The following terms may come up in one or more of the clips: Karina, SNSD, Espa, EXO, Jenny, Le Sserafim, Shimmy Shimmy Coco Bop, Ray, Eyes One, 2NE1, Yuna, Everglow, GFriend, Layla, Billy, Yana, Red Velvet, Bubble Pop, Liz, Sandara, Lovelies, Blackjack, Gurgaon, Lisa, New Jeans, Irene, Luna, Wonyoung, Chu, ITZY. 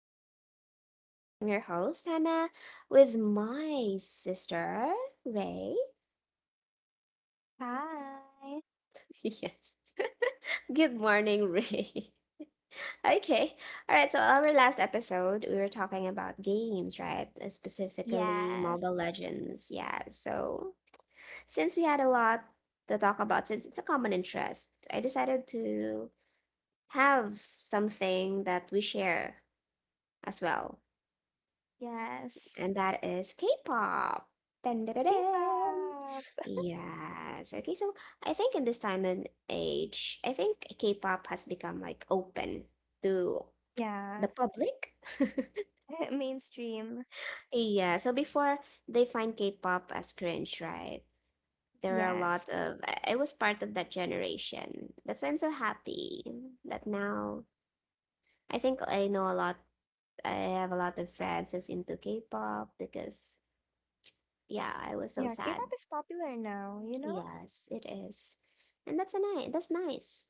of our podcast. I'm your host, Hannah, with my sister, Ray. Hi. Yes. Good morning, Ray. Okay. All right. So, our last episode, we were talking about games, right? Specifically, Yes. Mobile Legends. Yeah. So, since we had a lot to talk about, since it's a common interest, I decided to have something that we share as well. Yes. And that is K-pop. Dun, dun, dun, dun. K-pop. Yes. Okay, so I think in this time and age, I think K-pop has become like open to the Yeah. public. Mainstream. Yeah, so before they find K-pop as cringe, right? There are a Yes. lot of I was part of that generation. That's why I'm so happy that now I think I know a lot. I have a lot of friends who's into K-pop because yeah, I was so Yeah, sad. K-pop is popular now, you know? Yes, it is. And that's a nice that's nice.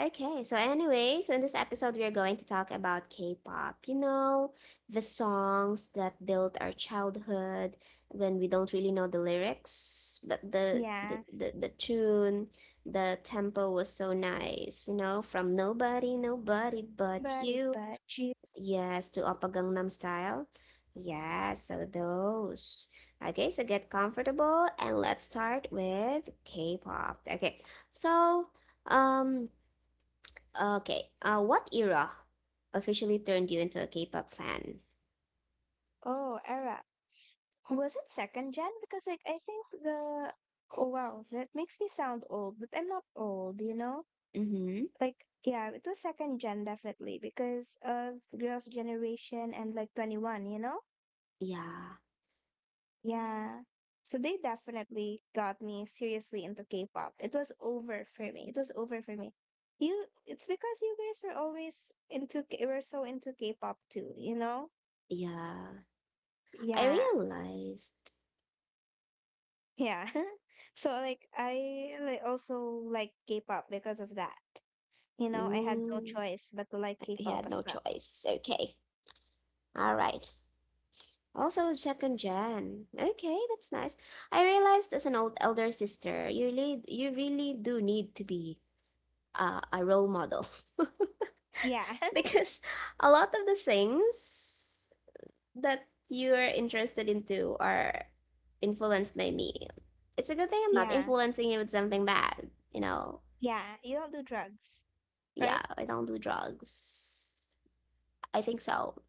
Okay, so anyway, so in this episode we are going to talk about K-pop. You know, the songs that built our childhood when we don't really know the lyrics, but the the Yeah. the, the tune, the tempo was so nice, from nobody, nobody but But it you. but G Yes, to Oppa Gangnam Style. Yeah, so those. Okay, so get comfortable and let's start with K-pop. Okay, so um, okay, what era officially turned you into a K-pop fan? Oh, era. Was it second gen? Because like I think the oh, wow, that makes me sound old, but I'm not old, you know? Mm-hmm. Like yeah, it was second gen definitely because of Girls' Generation and like 21, you know? Yeah, Yeah. So they definitely got me seriously into K-pop. It was over for me. It was over for me. It's because you guys were always were so into K-pop too, you know? yeah. I Yeah. realized. Yeah. So like I like also like K-pop because of that. You know, I had no Mm, choice but to like I K-pop had as no well. choice. Okay, all right. Also, second gen. Okay, that's nice. I realized as an old elder sister, you really do need to be a role model. Yeah. Because a lot of the things that you are interested into are influenced by me. It's a good thing I'm not Yeah. influencing you with something bad. Yeah. You don't do drugs, Yeah, right? I don't do drugs. I think so.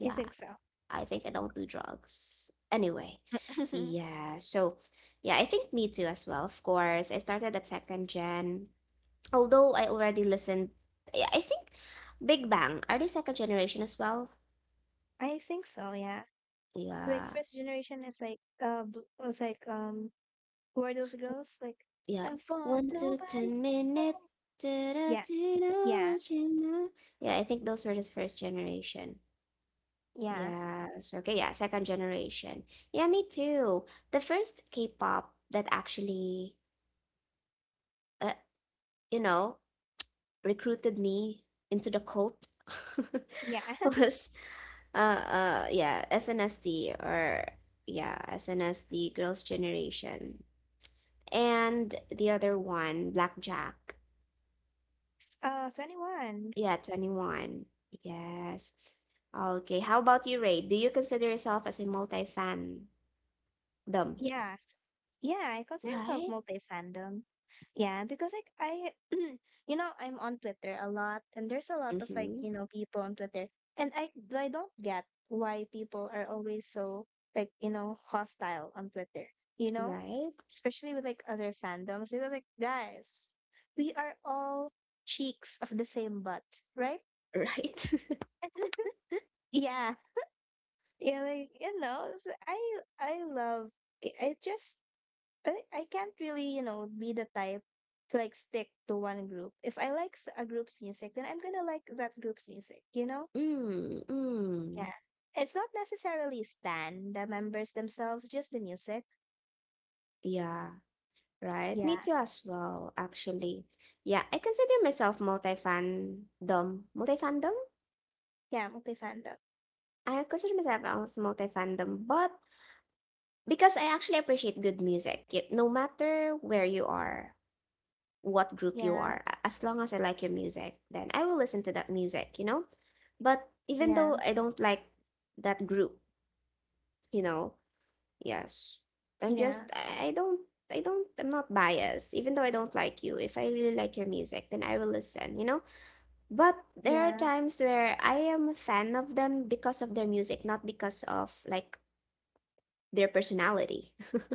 You think so? I think I don't do drugs. Anyway, yeah. So, yeah, I think me too as well. Of course, I started at second gen. Although I already listened, yeah, I think Big Bang, are they second generation as well? I think so, yeah. Like Yeah, first generation is like was like who are those girls like I yeah. want nobody, One to nobody. ten minute. Yeah, Yeah, yeah, I think those were the first generation. yeah, Yes. Okay. Yeah. Second generation. Yeah, me too. The first K-pop that actually, uh, you know, recruited me into the cult yeah. was yeah, SNSD. Or yeah, SNSD, Girls' Generation. And the other one, Blackjack. 21. Yeah, 2NE1. Yes. Okay, how about you, Ray, do you consider yourself as a multi fandom right? Yeah. Yeah, I consider myself multi-fandom. Yeah, because like you know, I'm on Twitter a lot, and there's a lot of like, Mm-hmm. you know, people on Twitter, and I don't get why people are always so like, you know, hostile on Twitter, you know, Right, especially with like other fandoms, because like guys, we are all cheeks of the same butt, right? right. Yeah, yeah, like you know, s I love I just but I can't really, you know, be the type to like stick to one group. If I like a group's music, then I'm gonna like that group's music, you know? Mm, mm. Yeah. It's not necessarily stan, the members themselves, just the music. Yeah. Right, Yeah. me too as well, actually. Yeah, I consider myself multi-fandom. Multi-fandom? Yeah, multi-fandom. I consider myself as multi-fandom, but because I actually appreciate good music, no matter where you are, what group you Yeah. are, as long as I like your music, then I will listen to that music, you know? But even Yeah. though I don't like that group, you know, yes, I'm Yeah. just, I don't, I'm not biased. Even though I don't like you, if I really like your music, then I will listen, you know? But there are times where I am a fan of them because of their music, not because of like their personality.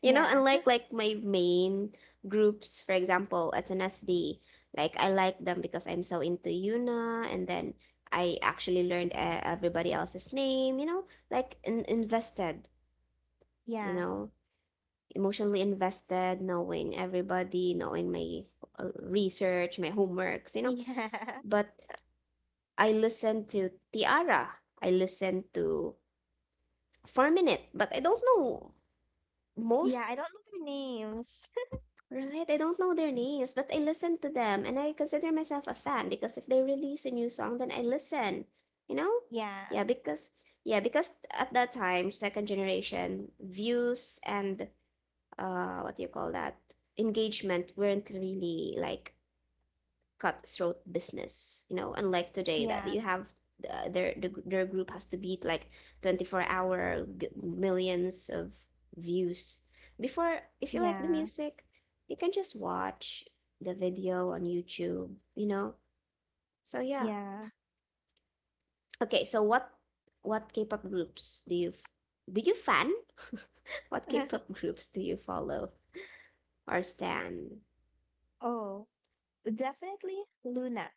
You know, Yeah. unlike like my main groups, for example, SNSD, like I like them because I'm so into Yuna, and then I actually learned everybody else's name, like in invested, you Yeah. know, emotionally invested, knowing everybody, knowing my research, my homeworks. Yeah. Yeah. But I listen to Tiara. I listen to 4Minute, but I don't know Yeah, most, I don't know their names. right? I don't know their names, but I listen to them and I consider myself a fan because if they release a new song, then I listen, you know? Yeah. Yeah, because at that time, second generation views and what do you call that? Engagement weren't really like cutthroat business, unlike today that Yeah. you have, their group has to beat like 24-hour hour millions of views. Before, if you like the Yeah. music, you can just watch the video on YouTube, you know. So, yeah. Yeah. Okay, so what K-pop groups do you fan? What K-pop groups do you follow or stan? Oh, definitely Luna.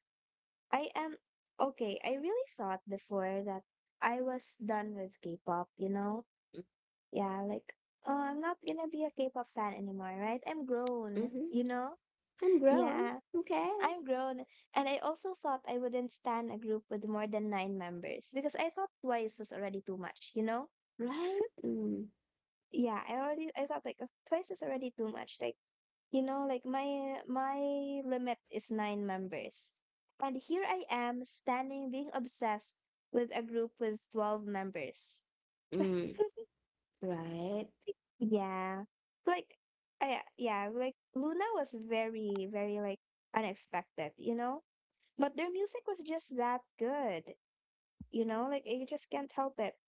I am okay. I really thought before that I was done with K-pop, you know? Yeah, like, oh, I'm not gonna be a K-pop fan anymore, right? I'm grown, Mm-hmm. you know? I'm grown. Yeah, Okay. I'm grown. And I also thought I wouldn't stand a group with more than nine members because I thought twice was already too much, you know? Right. Mm. Yeah, I thought like twice is already too much. Like, you know, like my limit is nine members. And here I am standing being obsessed with a group with 12 members. Mm. Right. Yeah. Like like Luna was very very like unexpected, you know? But their music was just that good. You know, like I just can't help it.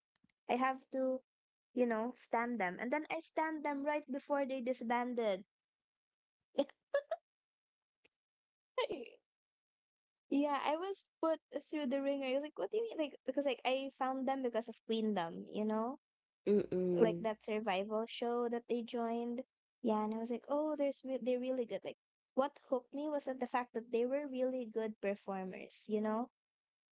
I have to, you know, stand them. And then I stand them right before they disbanded. Yeah, I was put through the ringer. I was like, what do you mean? Like, because like I found them because of Queendom, you know, like Mm-mm. that survival show that they joined. Yeah, and I was like, oh, they're really good. Like, what hooked me was that the fact that they were really good performers, you know.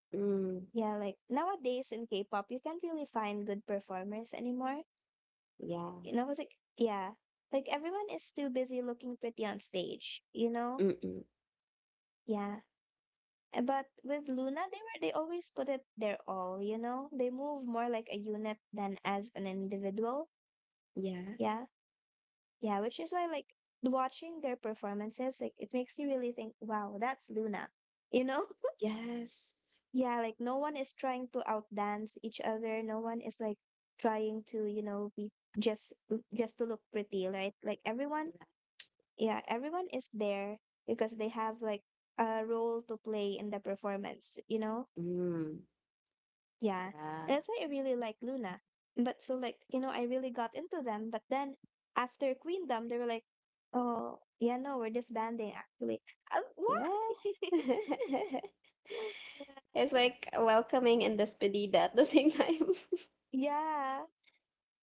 Mm. Yeah, like nowadays in K-pop, you can't really find good performers anymore. Yeah. You know, I was like, yeah, like everyone is too busy looking pretty on stage, you know. Mm-mm. Yeah, but with Luna, they always put it their all, you know? They move more like a unit than as an individual. Yeah. Yeah. Yeah, which is why like watching their performances, like it makes you really think, wow, that's Luna. You know? Yes. Yeah, like no one is trying to outdance each other. No one is like trying to, you know, be just just to look pretty, right? Like everyone, Right. yeah, everyone is there because they have like a role to play in the performance, you know? Mm. Yeah, Yeah. and that's why I really like Luna. But so like you know, I really got into them. But then after Queendom, they were like, "Oh yeah, no, we're disbanding actually." Yeah. Why? It's like welcoming and despedida at the same time. Yeah.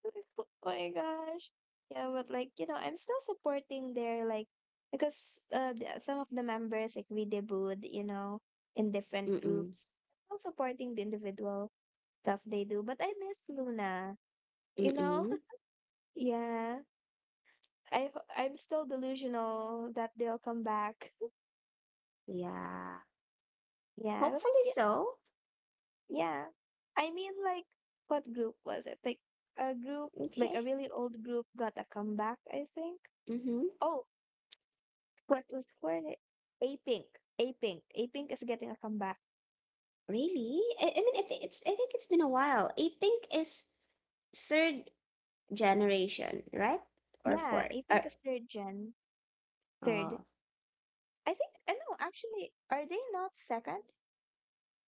Oh my gosh. Yeah, but like you know, I'm still supporting their like because the, some of the members like redebut, you know, in different Mm-mm. groups. I'm still supporting the individual stuff they do, but I miss Luna. You know? Mm-mm. Yeah. I'm still delusional that they'll come back. Yeah. Yeah, I was like, Hopefully you know, so. yeah. I mean, like, what group was it? Like a group, like Okay. a really old group, got a comeback. I think. Mm-hmm. Oh, what was for it? A Pink, A Pink is getting a comeback. Really? I mean, I think it's been a while. I think is third generation, right? Or Yeah, fourth? A Or, Pink is third gen, third. oh, I think. I know. Actually, are they not second?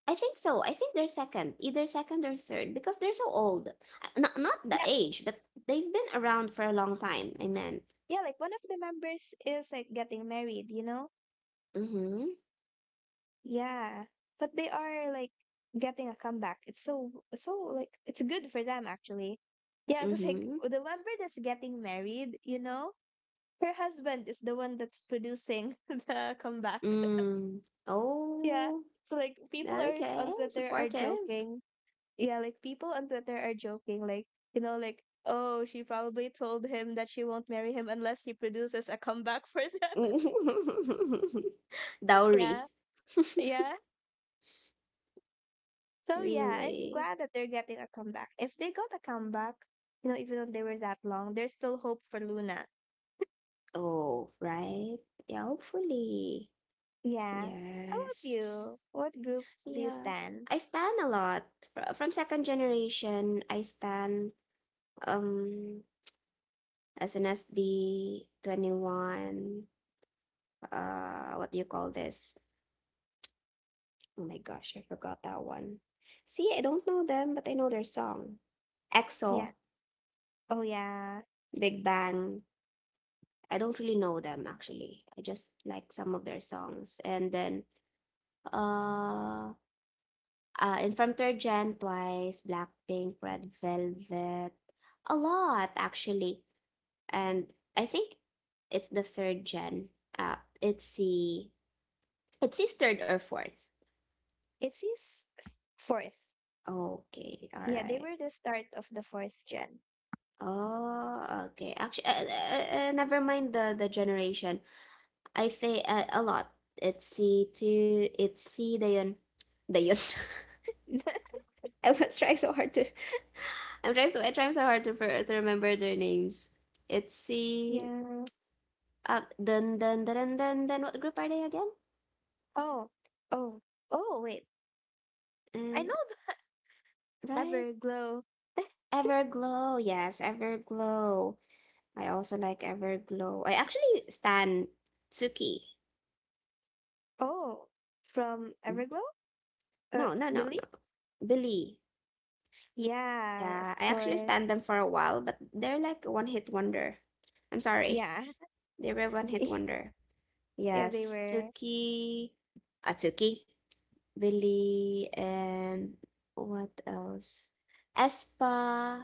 I think so. I think they're second, either second or third, because they're so old. Not the Yeah, age, but they've been around for a long time. I meant. yeah. Like one of the members is like getting married. You know. Mm-hmm. Yeah, but they are like getting a comeback. It's so like it's good for them actually. Yeah, because like Mm-hmm. the member that's getting married, you know, her husband is the one that's producing the comeback. Mm. Yeah. Oh, So like people are okay. on Twitter are Supportive. joking. Yeah, like people on Twitter are joking like, you know, like oh, she probably told him that she won't marry him unless he produces a comeback for them. Dowry. Yeah. Yeah. So yeah, I'm Really? glad that they're getting a comeback. If they got a comeback, you know, even though they were that long, there's still hope for Luna. Oh, right. Yeah, hopefully. Yeah. How about Yes. you? What groups do you Yeah. stand? I stand a lot. From second generation, I stand um as soon as the 2NE1, what do you call this? Oh my gosh, I forgot that one. See, I don't know them, but I know their song. Yeah. Exo, Oh yeah. Big Bang. I don't really know them actually, I just like some of their songs. And then uh in, from third gen, Twice, Blackpink, Red Velvet. A lot actually. And I think it's the third gen, uh it's the It's his third or fourth. It's his fourth. Okay, all Yeah, they right. were the start of the fourth gen. Oh, okay. Actually, never mind the generation. I say a lot. It's C two. It's C Dayon. Dayon. I was trying so hard to. I'm trying so. I trying so hard to remember their names. It's C. Yeah. Dun dun dun dun dun. Dun. What group are they again? Oh. Oh. Oh wait. Uh, I know that. right. Everglow. Everglow. Yes, Everglow. I also like Everglow. I actually stan Tsuki. Oh. From Everglow? Uh No, no, no, Billy? no. Billy. Yeah, of Yeah, I actually course. stand them for a while, but they're like one hit wonder. I'm sorry. Yeah. They were one hit wonder. Yeah, they Yes, were. Tuki, Atsuki, Billy, and what else? Espa,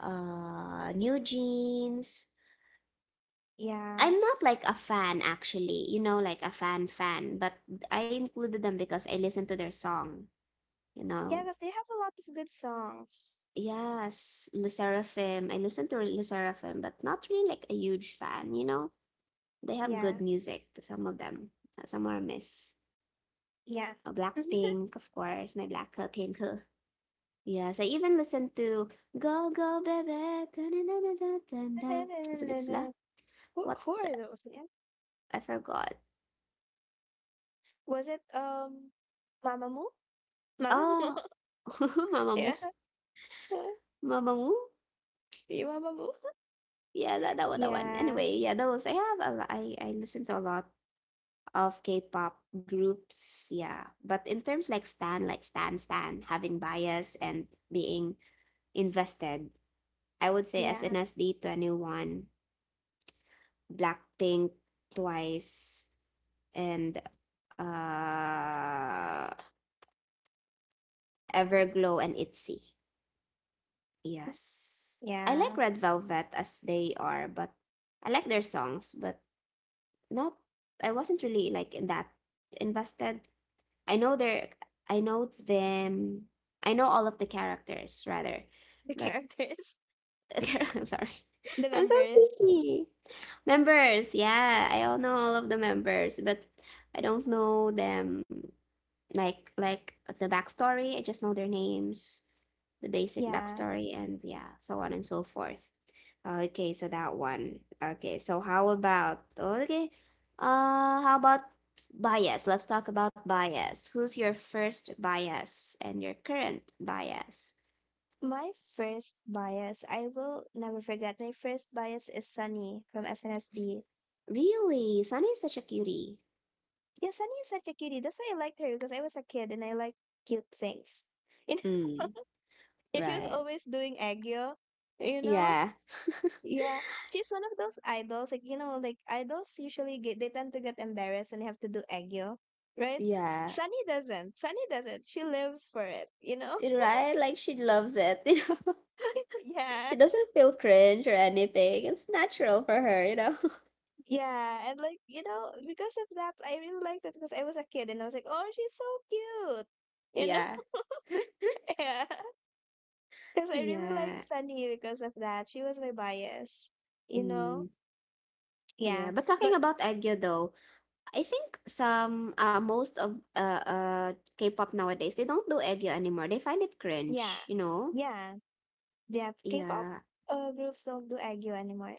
New Jeans. Yeah. I'm not like a fan actually, like a fan fan, but I included them because I listened to their song, you Yeah, know. because they have a lot of good songs. Yes, Le Sserafim. I listen to Le Sserafim, but not really like a huge fan, you know? They have Yeah. good music, some of them. Some are miss. Yeah. Blackpink, of course, my black, pink. Yes, I even listen to Go Go Baby. Dun dun dun dun dun dun. So it's la. Who, What who the? are those? Yeah. I forgot. Was it Mamamoo? Mamamoo. Oh, Yeah. Mamamoo. Mamamoo? You Mamamoo? Yeah, that one. Yeah. Anyway, yeah, those I have a lot. I listen to a lot of K-pop groups, yeah. But in terms like stan, like stan stan, having bias and being invested, I would say Yeah. SNSD, 2NE1, Blackpink, Twice, and uh Everglow and ITZY. Yes. I like Yeah. Red Velvet as they are, but I like their songs, but not, I wasn't really like in that invested. I know their I know them I know all of the characters rather. The But characters, I'm sorry. the I'm so members. sleepy. Members, yeah, I all know all of the members, but I don't know them like the backstory. I just know their names, the basic Yeah. backstory, and yeah, so on and so forth. Okay, so that one. Okay, so how about bias? Let's talk about bias. Who's your first bias and your current bias? My first bias, I will never forget. My first bias is Sunny from SNSD. Really, Sunny is such a cutie. Yeah, Sunny is such a cutie. That's why I liked her because I was a kid and I like cute things. Mm, Yeah, she was right. always doing aegyo, you know? Yeah, Yeah, she's one of those idols. Like, you know, like idols usually they tend to get embarrassed when they have to do aegyo, right? yeah. Sunny doesn't. Sunny doesn't. She lives for it, you know? Right? Like she loves it, you know. She Yeah. doesn't feel cringe or anything. It's natural for her, you know? Yeah. And like, you know, because of that, I really liked it because I was a kid and I was like, oh, she's so cute. You know? Yeah. Yeah. Because I really liked Yeah. Sunny because of that. She was my bias, you know? Mm, yeah. Yeah. But talking But about Eggyo though, I think some most of K-pop nowadays, they don't do Eggyo anymore. They find it yeah. cringe, you know? Yeah. Yeah, K-pop Yeah. Groups don't do aegyo anymore.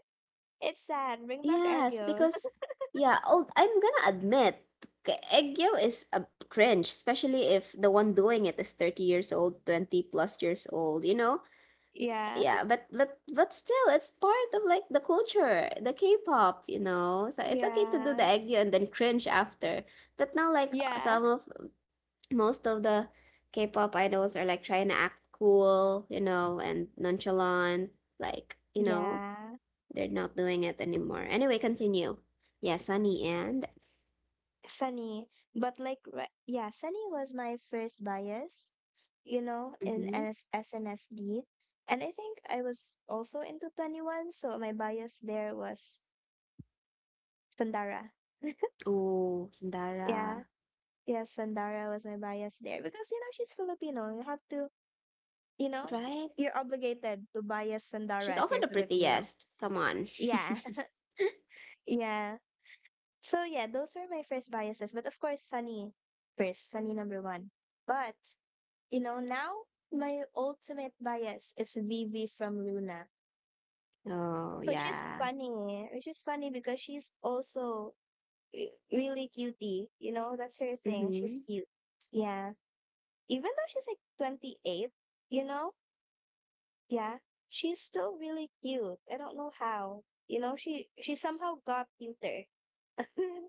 It's sad. Bring back Yes, aegyo. because yeah, oh, I'm gonna admit, Eggyo is a cringe, especially if the one doing it is 30 years old, 20 plus years old, you know? Yeah. Yeah, but still it's part of like the culture, the K-pop, so it's okay to do the Yeah. aegyo and then cringe after. But now, like Yeah. some of most of the K-pop idols are like trying to act cool, and nonchalant, like, Yeah. they're not doing it anymore. Anyway, continue. Yeah, Sunny. And Sunny. But like, yeah, Sunny was my first bias, you know, in mm-hmm. NS SNSD. And I think I was also into 21, so my bias there was Sandara. Oh, Sandara. Yeah. Yeah, Sandara was my bias there because, you know, she's Filipino. You have to, you know, Right. you're obligated to bias She's Sandara if also you're the Filipino. prettiest, come on. Yeah, yeah. So yeah, those were my first biases. But of course, Sunny first, Sunny number one. But you know, now my ultimate bias is Vivi from Luna, Oh, which is yeah. funny. Which is funny because she's also really cutie. You know, that's her thing. Mm-hmm. She's cute. Yeah, even though she's like 28, you know, yeah, she's still really cute. I don't know how. You know, she somehow got cuter.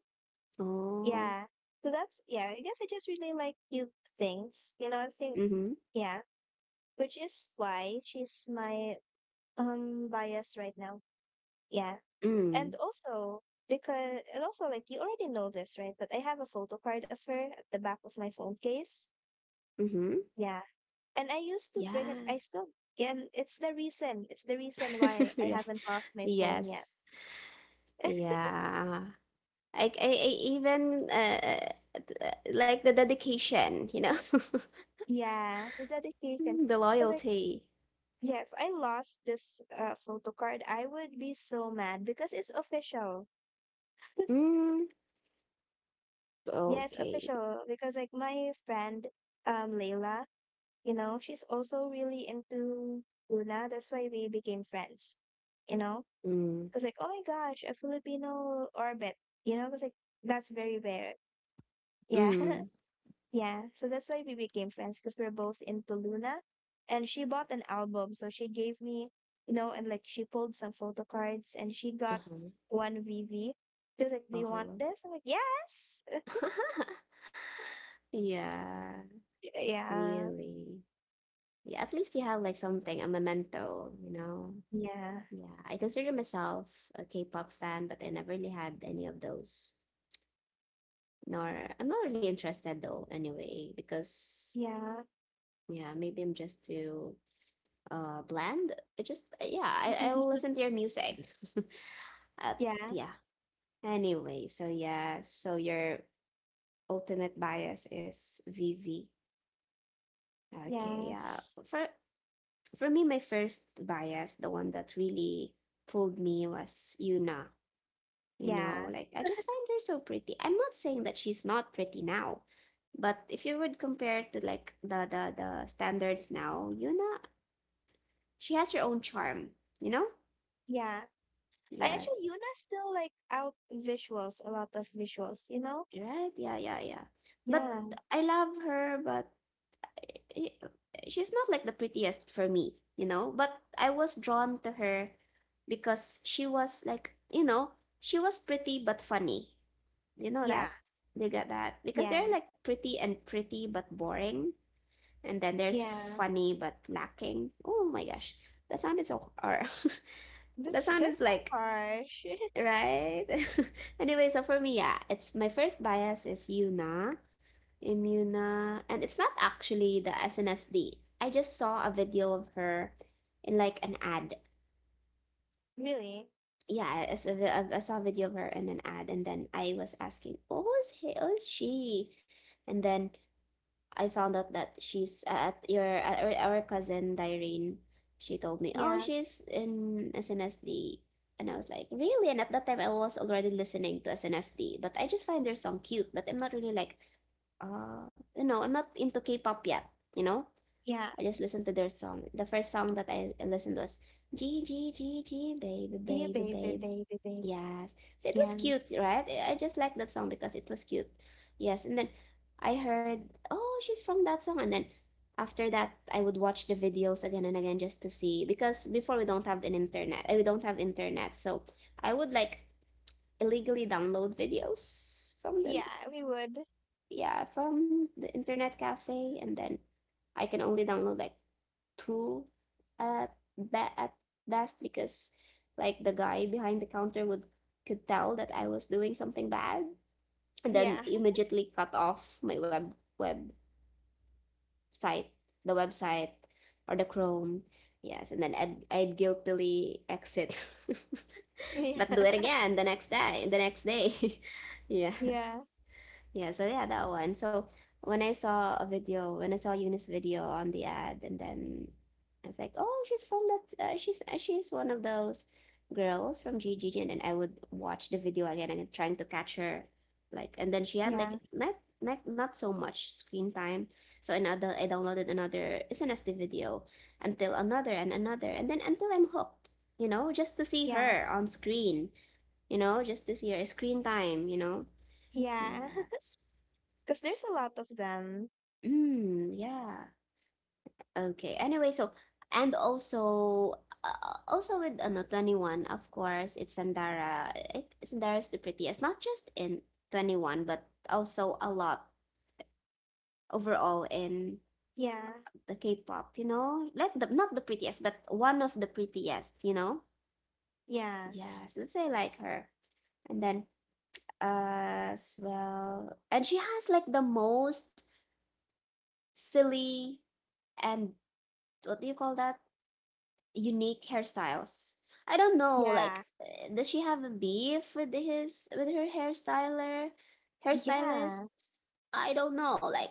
Oh. Yeah. So that's, yeah, I guess I just really like new things. You know, I think, Mm-hmm. yeah, which is why she's my bias right now. Yeah. And Mm. also because and also like you already know this, right? But I have a photo card of her at the back of my phone case. Mm-hmm. Yeah. And I used to bring it Yeah. And it's the reason. It's the reason why I Right. haven't lost my phone yet. Yes. Yeah. I even like the dedication, Yeah, the dedication. Mm, the Because I loyalty. Yeah, if I lost this photo card, I would be so mad because it's official. Mm. Yeah, it's Okay. official because like my friend Layla, you know, she's also really into Luna. That's why we became friends. You know, Mm. because like oh my gosh, a Filipino orbit. You know, because like that's very rare. Yeah, Mm. yeah, so that's why we became friends because we're both into Luna. And she bought an album, so she gave me, you know, and like she pulled some photo cards and she got Uh-huh. one VV. She was like, do you want Uh-huh. this? I'm like, yes. Yeah, Yeah, really. Yeah, at least you have like something, a memento, you know? yeah, Yeah, I consider myself a K-pop fan, but I never really had any of those. Nor, I'm not really interested though, anyway, because yeah, yeah, maybe I'm just too bland. It just yeah, I I'll listen to your music. uh, yeah, yeah. Anyway, so yeah, so your ultimate bias is VV. Okay, yeah. yes, For for me, my first bias, the one that really pulled me was Yuna. You know, yeah, like I just find her so pretty. I'm not saying that she's not pretty now, but if you would compare to like the standards now, you know, she has her own charm, you know? yeah. I Yes. actually, Yuna still like out visuals, a lot of visuals, you know? Right? Yeah, yeah, yeah. But Yeah, I love her, but she's not like the prettiest for me, you know? But I was drawn to her because she was like, you know, she was pretty but funny. You know yeah, that? You get that because yeah, they're like pretty and pretty but boring. And then there's yeah. funny but lacking. Oh my gosh, that sound is so, or that That sound is sounds like harsh. right. Anyway, for me, yeah, it's my first bias is Yuna, Imuna, and it's not actually the SNSD. I just saw a video of her in like an ad. Really? Yeah, I saw a video of her in an ad, and then I was asking, "Oh, who is he? Who is she?" And then I found out that she's at your at our cousin Dyrene. She told me, "Oh, Yeah. she's in SNSD," and I was like, "Really?" And at that time, I was already listening to SNSD, but I just find their song cute. But I'm not really like, you know, I'm not into K-pop yet. You know, Yeah. I just listened to their song. The first song that I listened was G G G G Baby Yeah, Baby baby, Babe. baby, baby. Yes. So it was Yeah. cute, right? I just like that song because it was cute. Yes. And then I heard, oh, she's from that song. And then after that, I would watch the videos again and again just to see. Because before we don't have an internet, eh, we don't have internet. So I would like illegally download videos from Yeah, we would. yeah, from the internet cafe. And then I can only download like tool at best because like the guy behind the counter would could tell that I was doing something bad and then Yeah. immediately cut off my website website, or the Chrome. Yes, and then I'd guiltily exit but do it again the next day, Yeah. yes, Yeah. yeah, so yeah, that one. So when I saw a video, when I saw Eunice's video on the ad, and then I was like, oh, she's from that, she's one of those girls from GGG, and then I would watch the video again and trying to catch her, like, and then she had like Yeah. Not so much screen time, so another I downloaded another SNSD video until another and another, and then until I'm hooked, you know, just to see Yeah. her on screen, you know, just to see her screen time, you know, Yeah. yeah. So Because there's a lot of them. mm, yeah. Okay. Anyway, so and also also with ano 21, of course, it's Sandara. Sandara is the prettiest, not just in 21, but also a lot overall in Yeah. the K-pop, you know? Like the not the prettiest, but one of the prettiest, you know? Yeah, Yes. so that's why I like her. And then as well, and she has like the most silly and what do you call that? Unique hairstyles. I don't know, Yeah. like, does she have a beef with his with her hairstylist? Yeah. I don't know, like,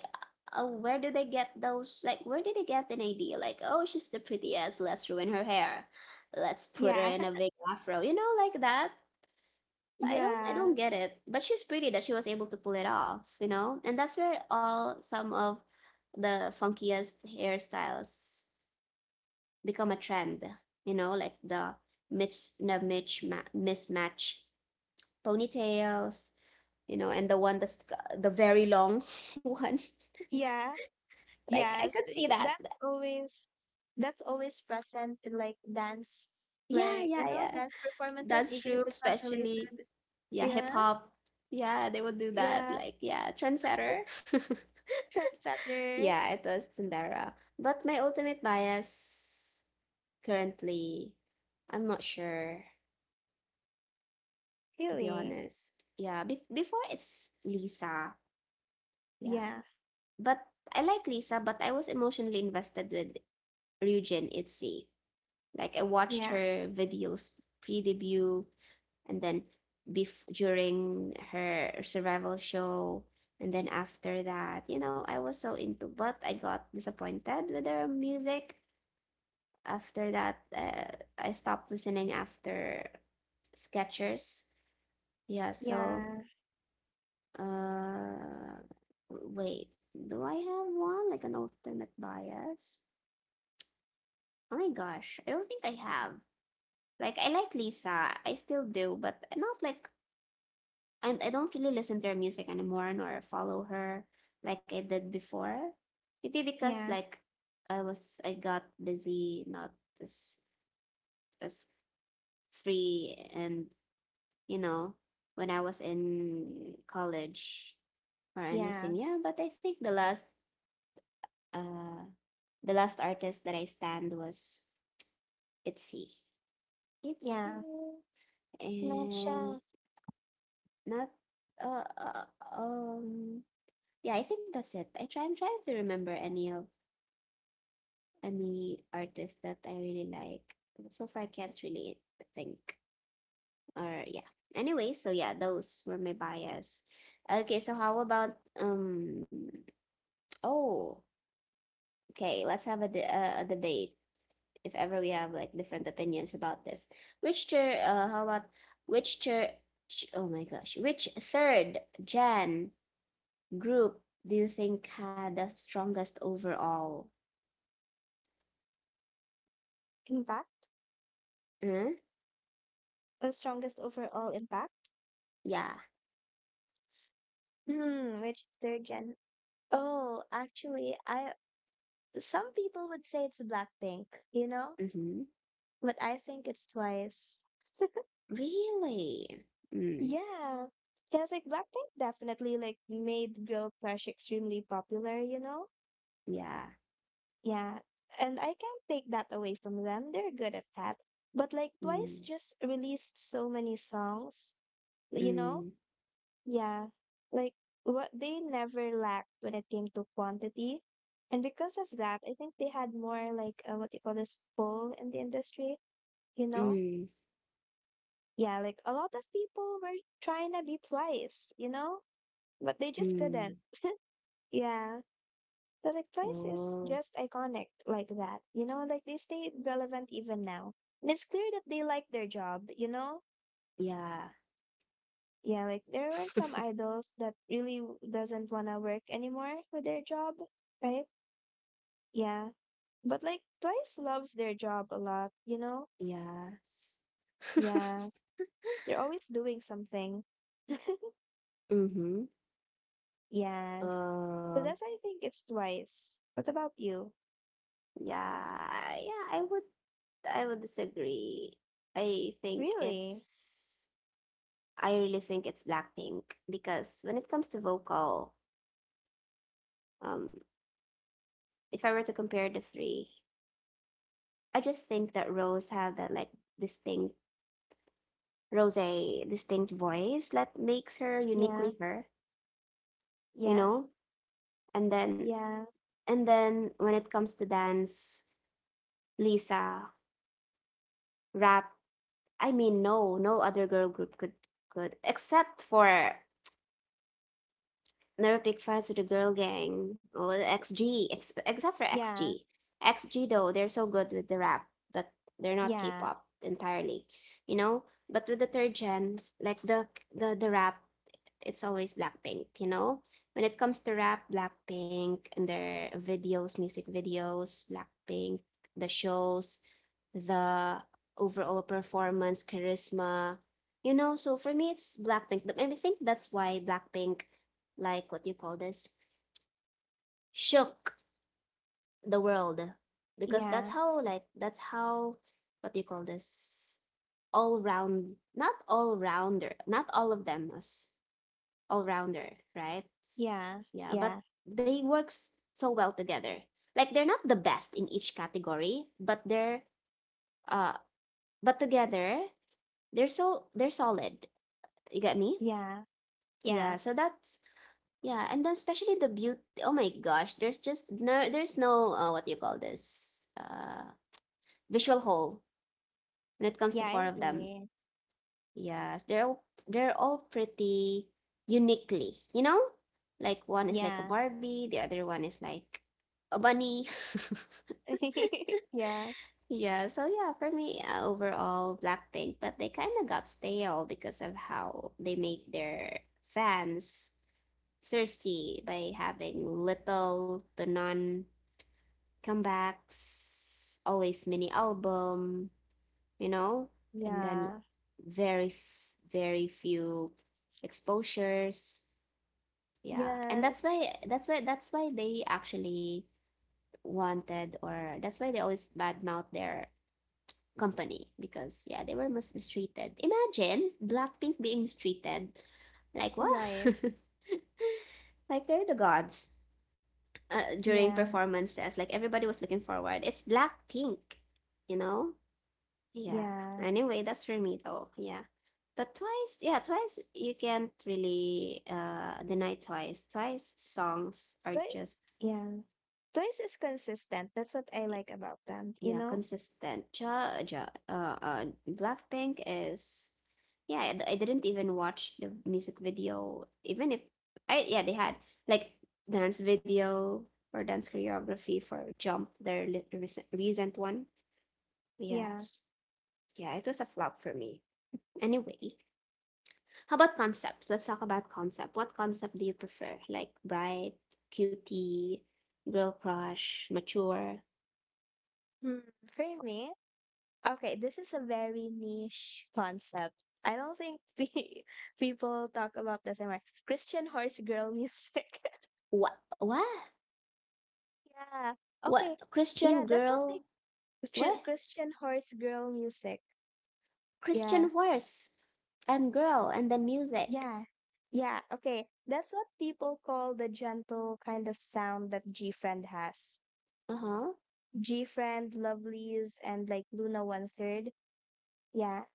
where do they get those? Like, where did they get an idea? Like, oh, she's the prettiest. Let's ruin her hair. Let's put her Yeah. in a big afro. You know, like that. I don't Yeah. get it. But she's pretty that she was able to pull it off. You know, and that's where all some of the funkiest hairstyles become a trend. You know, like the mismatch ponytails. You know, and the one that's the very long one. Yeah. Like I Yes. could see Y- that. That's always present in like dance Yeah, like yeah, yeah. dance performances Dance even if troupe, it's not especially, related. yeah, hip Yeah. hop. Yeah, they would do that. Yeah. Like yeah, trendsetter. Trendsetter. Yeah, it was Tsundere. But my ultimate bias currently, I'm not sure, to be Really. honest. Yeah, be before it's Lisa. Yeah. Yeah. But I like Lisa, but I was emotionally invested with Ryujin Itzy. Like I watched Yeah, her videos pre-debut and then during her survival show and then after that, you know, I was so into but I got disappointed with her music. After that, I stopped listening after Skechers. Yeah, so yeah, uh wait, do I have one like an alternate bias? Oh my gosh, I don't think I have. Like I like Lisa, I still do, but not like, and I don't really listen to her music anymore nor follow her like I did before. Maybe because yeah, like I got busy, not as as free and you know, when I was in college or yeah, anything. Yeah, but I think uh the last artist that I stand was Itzy. Itzy yeah. Not and sure. Not uh, uh um yeah, I think that's it. I'm trying to remember any of any artists that I really like. So far I can't really think. Or yeah. Anyway, so yeah, those were my bias. Okay, so how about um oh, okay, let's have a a debate if ever we have like different opinions about this. Which chair how about which chair ch- Oh my gosh, which third Jan group do you think had the strongest overall? Impact? Mm. The strongest overall impact? Yeah. Hmm, which third gen? Oh, actually, I some people would say it's Blackpink, you know? Mm-hmm. But I think it's Twice. Really? Mm. Yeah. Because like Blackpink definitely like made girl crush extremely popular, you know? Yeah. Yeah. And I can't take that away from them. They're good at that. But like Twice Mm. just released so many songs, you know? Mm. Yeah, like what they never lacked when it came to quantity. And because of that, I think they had more like what you call this pull in the industry, you know? Mm. Yeah, like a lot of people were trying to be twice, you know? But they just Mm. couldn't. Yeah. Because like twice is Oh. just iconic like that, you know? Like they stay relevant even now. And it's clear that they like their job, you know? Yeah. Yeah, like there were some idols that really doesn't want to work anymore with their job, right? Yeah, but like Twice loves their job a lot, you know? Yes. Yeah, they're always doing something. Mm-hmm. Yes. So uh, that's why I think it's Twice. What about you? Yeah. I would disagree. I think Really? it's. I really think it's Blackpink because when it comes to vocal, um, if I were to compare the three, I just think that Rose had that like distinct Rose a distinct voice that makes her Yeah, uniquely her, you yeah, know? And then yeah, and then when it comes to dance, Lisa, rap, I mean no, other girl group could except for. Never pick fights with the girl gang. Well, XG, except for yeah, XG. XG though, they're so good with the rap, but they're not yeah, K-pop entirely, you know. But with the third gen, like the rap it's always Blackpink, you know? When it comes to rap, Blackpink and their videos, music videos, Blackpink, the shows, the overall performance, charisma, you know? So for me, it's Blackpink. And I think that's why Blackpink, like what do you call this, shook the world. Because that's yeah, how, like, that's how, what do you call this? All round, not all rounder, not all of them, as all rounder, right? Yeah, but yeah, they work so well together. Like they're not the best in each category, but they're uh but together they're so they're solid. You get me? yeah, yeah, Yeah, yeah, so that's yeah, and then especially the beauty. Oh my gosh, there's just there's no what do you call this? Uh, visual hole when it comes to yeah, four I of them. agree. Yes, they're all pretty uniquely, you know? Like one is like a Yeah. Barbie, the other one is like a bunny. Yeah, Yeah, so yeah, for me, overall Blackpink, but they kind of got stale because of how they make their fans thirsty by having little to none comebacks, always mini album, you know, and then yeah, very, very few exposures. Yeah, and that's yes, why they actually wanted, or that's why they always badmouth their company because yeah, they were mistreated. Imagine Blackpink being mistreated, like what? right. Like they're the gods. During Yeah, performances, like everybody was looking forward. It's Blackpink, you know. Yeah. yeah. Anyway, that's for me though. Yeah. But twice, yeah, twice you can't really deny twice. Twice songs are But just yeah. Twice is consistent. That's what I like about them, you yeah, know? consistent. Ja, ja, Blackpink is yeah, I didn't even watch the music video even if I yeah, they had like dance video or dance choreography for Jump, their recent one. Yeah. Yes. Yeah, it was a flop for me. Anyway, how about concepts? Let's talk about concept. What concept do you prefer? Like bright, cutie, girl crush, mature. Hmm. For me, okay, this is a very niche concept. I don't think pe people talk about this anymore. Christian horse girl music. What? What? Yeah. What? Okay. Yeah, Christian that's what girl? they Ch- What? Christian horse girl music. Yeah. Christian horse and girl and then music. Yeah. Yeah. Okay. That's what people call the gentle kind of sound that G Friend has. Uh huh. G Friend, Lovelies, and like Luna One Third. Yeah.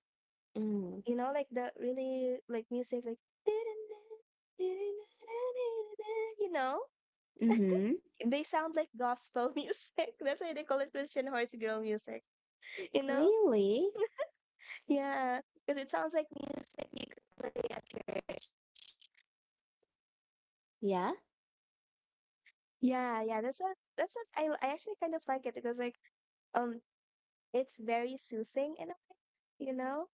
Mm. You know, like the really like music, like you know, Mm-hmm. they sound like gospel music. That's why they call it Christian horse girl music. You know, Really? yeah, because it sounds like music you could play at church. Yeah. Yeah, yeah, that's what I actually kind of like it because like um it's very soothing in a way, you know.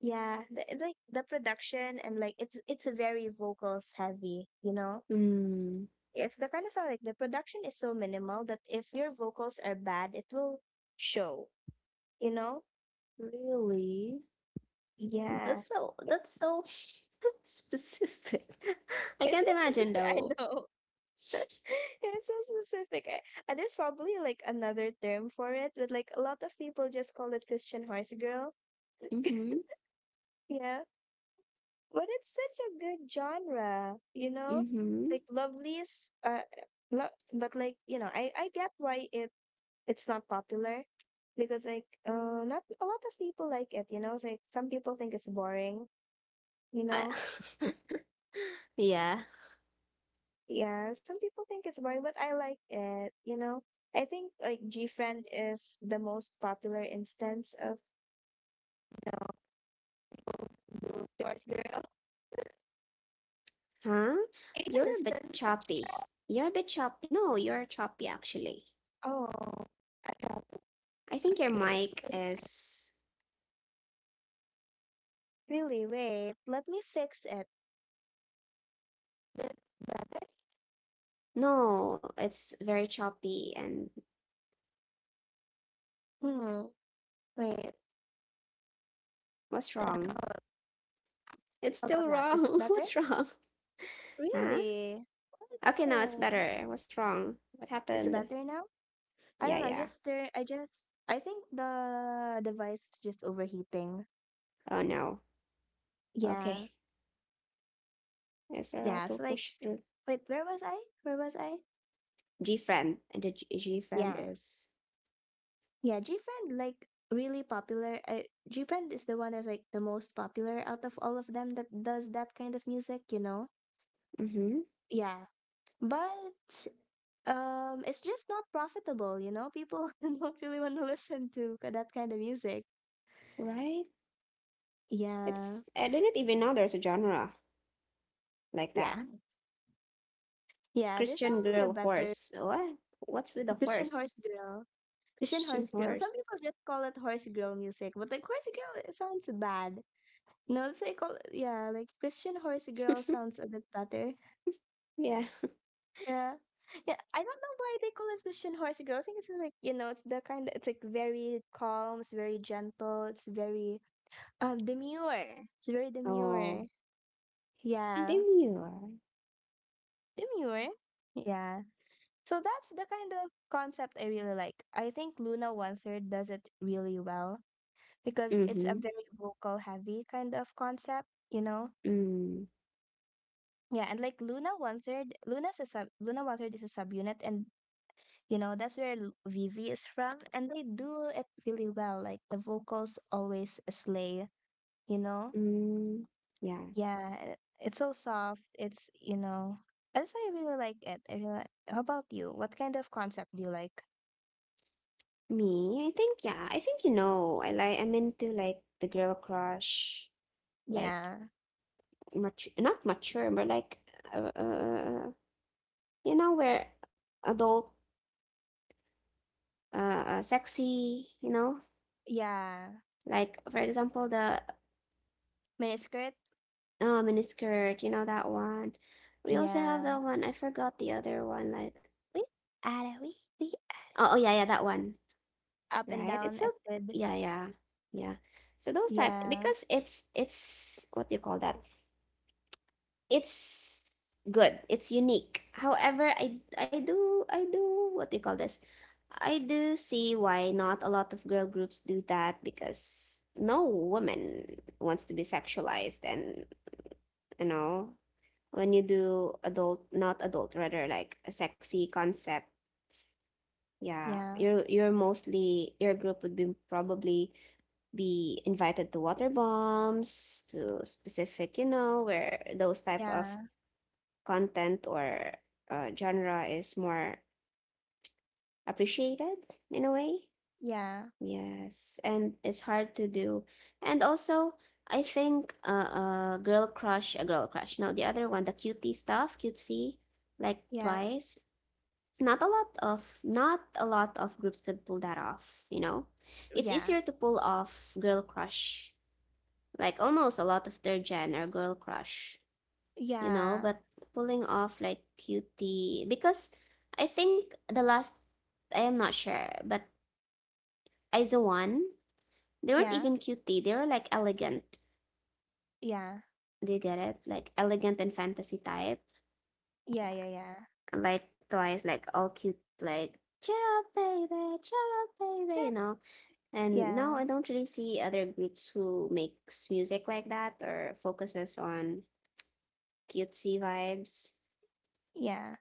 Yeah, like the production and like it's very vocals heavy, you know. Mm. It's the kind of song like the production is so minimal that if your vocals are bad, it will show, you know? Really? Yeah. That's so. That's so specific. I It's can't so imagine specific. I though. know. It's so specific. And there's probably like another term for it, but like a lot of people just call it Christian horse girl. Mm-hmm. Yeah. But it's such a good genre, you know? Mm-hmm. Like Lovelies, but like, you know, I get why it's not popular because like not a lot of people like it, you know. It's like some people think it's boring, you I know. yeah. Yeah, some people think it's boring, but I like it, you know. I think like GFriend is the most popular instance of Yours Girl. Huh? I didn't You're a bit listen. choppy. You're a bit chop. No, you're choppy actually. Oh, I think your okay. mic is. Really? Wait, let me fix it. No, it's very choppy. And Hmm. Wait, what's wrong? how It's about still that? Is it wrong. better? What's wrong? Huh? Really? Oh Okay, now it's no. better. What's wrong? What Is it happened? better now? I Yeah, don't know, I yeah. just turn I just I think the device is just overheating. Oh no. Yeah. Okay. It's alright. Yeah. We'll So like push through. wait, where was I? Where was I? G friend. And the G friend Yeah. is. Yeah, GFriend like really popular. GFriend is the one that's like the most popular out of all of them that does that kind of music, you know? Mm hmm. Yeah. But it's just not profitable, you know? People don't really want to listen to that kind of music. Right? Yeah. It's. I didn't even know there's a genre like that. Yeah. Yeah, there's Christian probably a girl better horse. What? What's with the Christian Horse horse? Grill. Asian horse Christian grill. Some horse. people just call it horse grill music, but like horse grill it sounds bad. No, let's say call yeah, like Christian horse grill sounds a bit better. yeah. Yeah. Yeah, I don't know why they call it Christian horse girl. I think it's like you know, it's the kind it's like very calm, it's very gentle, it's very demure. It's very Oh, demure. Yeah, demure. demure. Yeah. So that's the kind of concept I really like. I think Luna One Third does it really well. Because it's a Mm-hmm. very vocal heavy kind of concept, you know. Mm. Yeah, and like Luna one third is a subunit, and you know that's where Vivi is from, and they do it really well. Like the vocals always slay, you know. Mm. Yeah. Yeah, it's so soft. It's you know that's why I really like it. I really. How about you? What kind of concept do you like? Me, I think, yeah, I think you know. I like I'm into like the girl crush, like Yeah, much. Not mature, but like uh, uh uh, you know, where adult sexy, you know? yeah, Like, for example, the miniskirt. oh, miniskirt, you know, that one. We also have Yeah, that one. I forgot the other one. Like, we we are. oh, oh yeah, yeah, that one, Up and right? It's down so, acted. yeah, yeah, yeah. So those type, Yeah, because it's what do you call that? It's good. It's unique. However, I do what do you call this? I do see why not a lot of girl groups do that, because no woman wants to be sexualized and you know, when you do adult, not adult, rather like a sexy concept, yeah, yeah, you're mostly your group would be probably be invited to water bombs, to specific, you know, where those type of yeah, content or genre is more appreciated in a way. yeah, Yes, and it's hard to do. And also, I think uh, uh girl crush a girl crush, no, the other one, the cutie stuff, cutesy, like yeah, Twice. Not a lot of groups could pull that off, you know. It's yeah, easier to pull off girl crush, like almost a lot of third gen are girl crush, you know. yeah, But pulling off like cutie, because I think the last, I am not sure, but Aizawan, they weren't yeah, even cutie, they were like elegant. yeah, Do you get it? Like elegant and fantasy type. Yeah, yeah, yeah, yeah. like Twice, like all cute, like cheer up baby, cheer up baby, you Shit. know. And now Yeah, I don't really see other groups who makes music like that or focuses on cutesy vibes. yeah.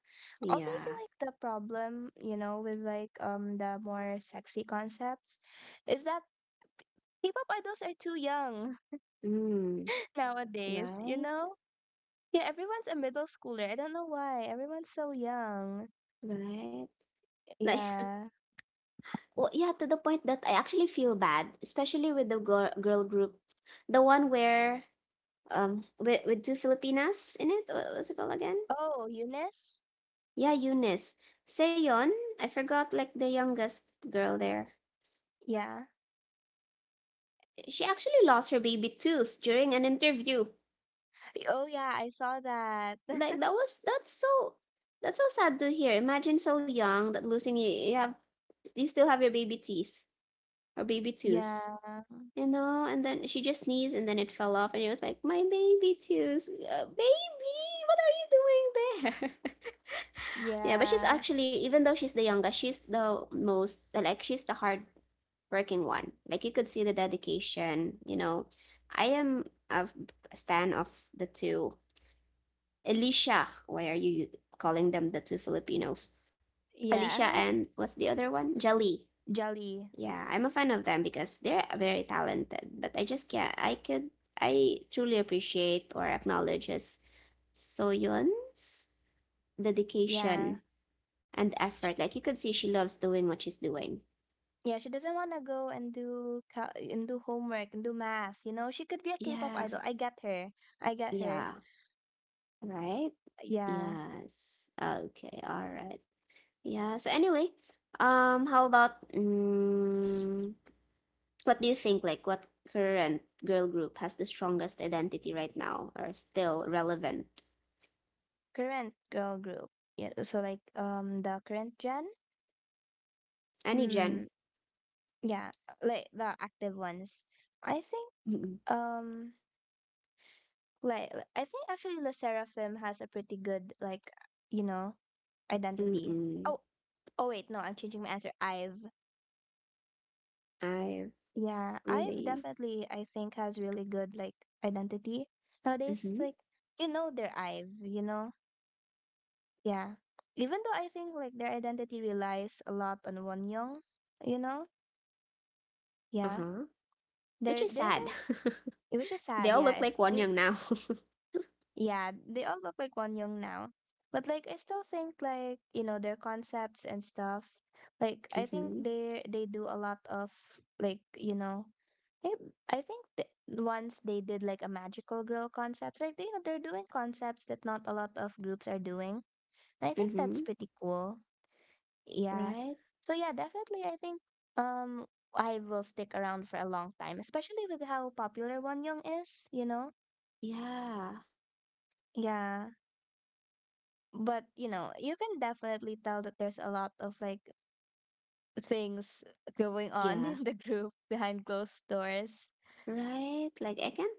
Also, I feel Yeah. like the problem, you know, with like the more sexy concepts is that K-pop idols are too young Mm, nowadays, you right, know? Yeah, everyone's a middle schooler. I don't know why. Everyone's so young. right. Like, Yeah. well, yeah, to the point that I actually feel bad, especially with the girl group, the one where with two Filipinas in it. What was it called again? Oh, Eunice? Yeah, Eunice. Seyon, I forgot like the youngest girl there. Yeah. She actually lost her baby tooth during an interview. Oh, yeah, I saw that. Like, that was, that's so, that's so sad to hear. Imagine so young that losing you, you have, you still have your baby teeth or baby Yeah, tooth. You know, and then she just sneezed and then it fell off, and it was like, my baby tooth, baby, what are you doing there? Yeah, but she's yeah, actually, even though she's the youngest, she's the most, like she's the hard working one. Like you could see the dedication, you know. I am a stan of the two Alicia. Why are you calling them the two Filipinos? Alicia yeah. and what's the other one? Jali. Jolly. Yeah, I'm a fan of them because they're very talented, but I just can't. I could. I truly appreciate or acknowledge his, Soyeon's Yeah. dedication and She, effort. Like you could see, she loves doing what she's doing. yeah, she doesn't want to go and do cal and do homework and do math, you know? She could be a K-pop Yeah. idol. I get her. I get her. Yeah. Right. Yeah. Yes. Okay. All right. Yeah. So anyway, how about mm, what do you think, like what current girl group has the strongest identity right now or still relevant? Current girl group. Yeah, so like the current gen? Any gen. Hmm. Yeah, like the active ones. I think Mm-mm. um like I think actually Le Sserafim has a pretty good like, you know, identity. Mm-mm. Oh, Oh wait, no, I'm changing my answer. I've. I Yeah, I've really. definitely, I think, has really good like identity nowadays. Mm-hmm. Like you know their IVE, you know, yeah. Even though I think like their identity relies a lot on Won Young, you know, yeah. Uh-huh. Which is There sad. isn't, which is They sad. all look Yeah, like one it, young now. yeah, they all look like one young now. But like I still think like, you know, their concepts and stuff. Like I think Mm-hmm. They do a lot of like, you know, I, I think once they did like a magical girl concepts, like they, you know, they're doing concepts that not a lot of groups are doing. And I think Mm-hmm. that's pretty cool. Yeah. Right. So yeah, definitely I think um I will stick around for a long time, especially with how popular One Young is, you know? Yeah, Yeah. But you know you can definitely tell that there's a lot of like things going on yeah, in the group behind closed doors. right. Like I can't,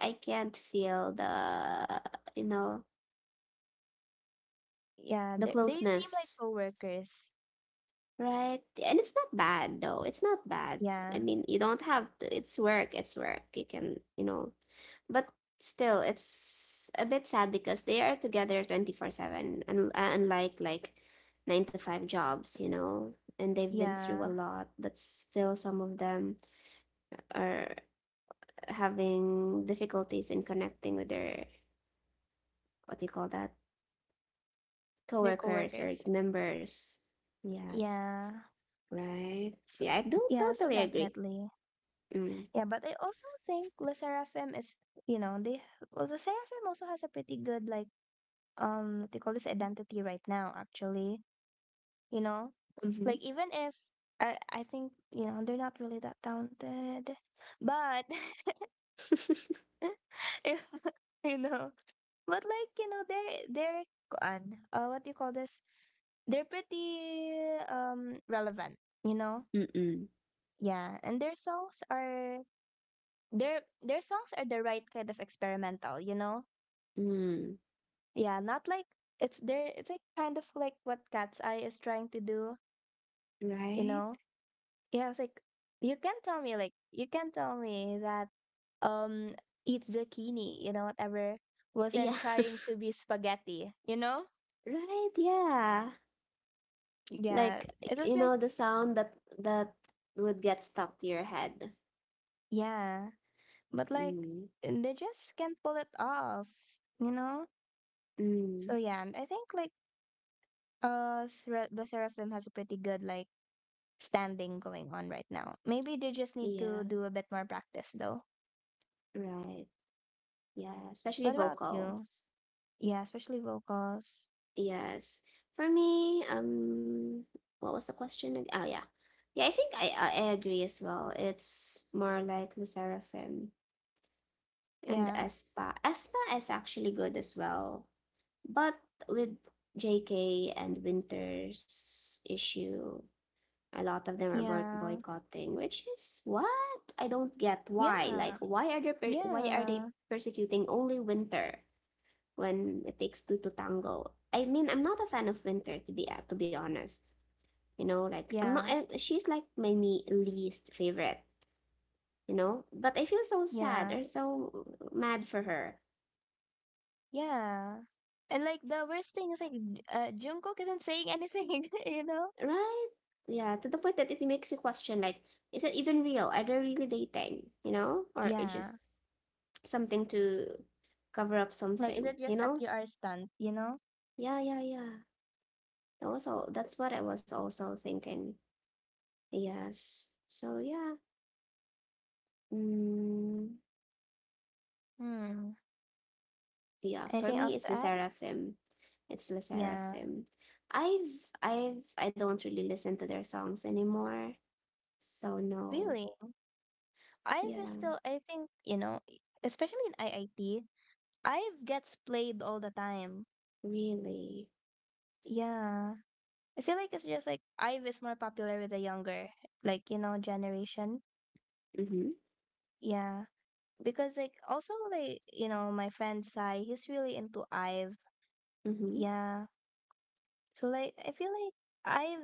I can't feel the, you know, Yeah, the they seem like closeness. coworkers. Right. And it's not bad though. It's not bad. Yeah. I mean, you don't have to. It's work. It's work. You can, you know. But still, it's a bit sad because they are together 24/7 and unlike like 9 to 5 jobs, you know. And they've been through Yeah, a lot, but still some of them are having difficulties in connecting with their, what do you call that, they're coworkers or coworkers. members. Yes. Yeah. Right. so, Yeah, I do yeah, not so totally agree. definitely Mm. yeah. But I also think la seraphim is you know they well the seraphim also has a pretty good like what do you call this identity right now actually, you know. Like even if I think you know they're not really that talented, but if you know, but like you know they're kuan, what do you call this? They're pretty relevant, you know. Mm-mm. Yeah, and their their songs are the right kind of experimental, you know. Mm. Yeah, not like it's like kind of like what Cat's Eye is trying to do, you Right? know. Yeah, I was like, you can tell me that um eat zucchini, you know, whatever wasn't Yeah. trying to be spaghetti, you know? Right, yeah. Yeah, Like, it was you like know, the sound that would get stuck to your head. yeah, but like Mm. they just can't pull it off, you know? Mm. So yeah, and I think like the Seraphim has a pretty good like standing going on right now. Maybe they just need Yeah, to do a bit more practice though. right. Yeah, especially What about you? vocals. Yeah, especially vocals. Yes. For me, what was the question? Oh yeah. Yeah, I think I agree as well. It's more like the Seraphim and Yeah. Espa. Espa is actually good as well. But with JK and Winter's issue, a lot of them are Yeah. boycotting, which is what I don't get. Why? Yeah. Like, why are they why are they Yeah, persecuting only Winter when it takes two to tango? I mean, I'm not a fan of Winter to be honest. You know, like I'm not. yeah, She's like my me least favorite. You know, but I feel so sad yeah, or so mad for her. yeah. And like the worst thing is like Jungkook isn't saying anything, you know? Right? Yeah, to the point that it makes you question like, is it even real? Are they really dating? You know? Or it's Yeah. just something to cover up Like, is something, it you just a know? PR stunt, you know? Yeah, yeah, yeah. That was all, that's what I was also thinking. Yes. So yeah. Mm, Hmm. yeah, for Anything me else it's to the add? Seraphim. It's La Yeah, Seraphim. I've I've I don't really listen to their songs anymore. So no. really. Yeah, I've still, I think, you know, especially in IIT, I've gets played all the time. really. Yeah. I feel like it's just like Ive is more popular with the younger, like, you know, generation. Mm-hmm. Yeah. Because like also like you know my friend Sai he's really into IVE, Mm-hmm. yeah, so like I feel like IVE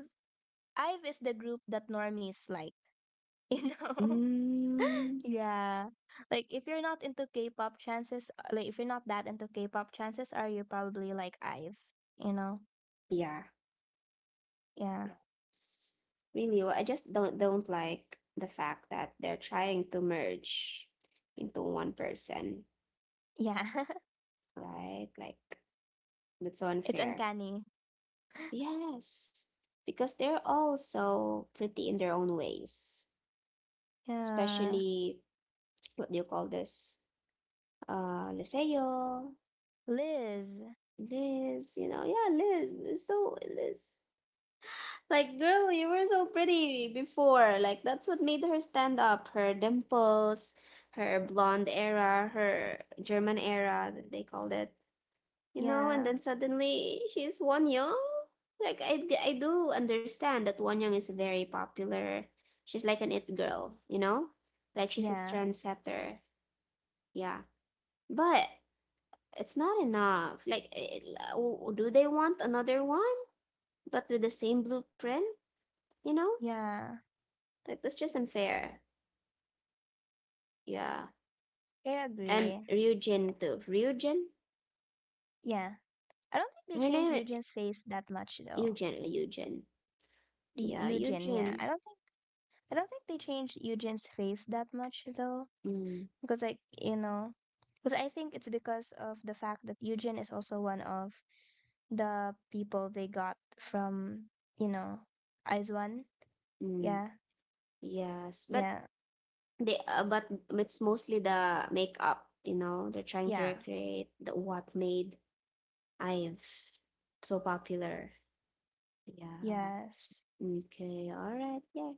IVE is the group that normies like, you know. Mm, Yeah, like if you're not into K-pop chances like if you're not that into K-pop chances are you probably like IVE, you know. yeah, Yeah, yes. Really, well, I just don't like the fact that they're trying to merge into one person, yeah, right? Like, that's so it's unfair. uncanny. Yes, because they're all so pretty in their own ways. Yeah, Especially, what do you call this? Liseo, Liz, Liz, you know, yeah, Liz. It's so Liz. Like, girl, you were so pretty before. Like, that's what made her stand up. Her dimples, her blonde era, her German era, that they called it. You know, and yeah, then suddenly she's Won Young. Like, I do understand that Won Young is very popular. She's like an it girl, you know? Like, she's a yeah, trendsetter. Yeah. But it's not enough. Like, it, do they want another one, but with the same blueprint, you know? yeah, Like, that's just unfair. Yeah. I And agree. Ryujin too. Ryujin? Yeah, I don't think they Her changed name is Eugene's face that much though. Eugen. Eugen. Yeah, Eugen, yeah. Eugen. I don't think they changed Eugen's face that much though, Mm, because like you know, because I think it's because of the fact that Eugen is also one of the people they got from you know Eyes One. mm, Yeah, yes. But yeah, they but it's mostly the makeup, you know. They're trying to yeah, recreate the what made I've so popular. Yeah. yes. Okay. All right. Yeah.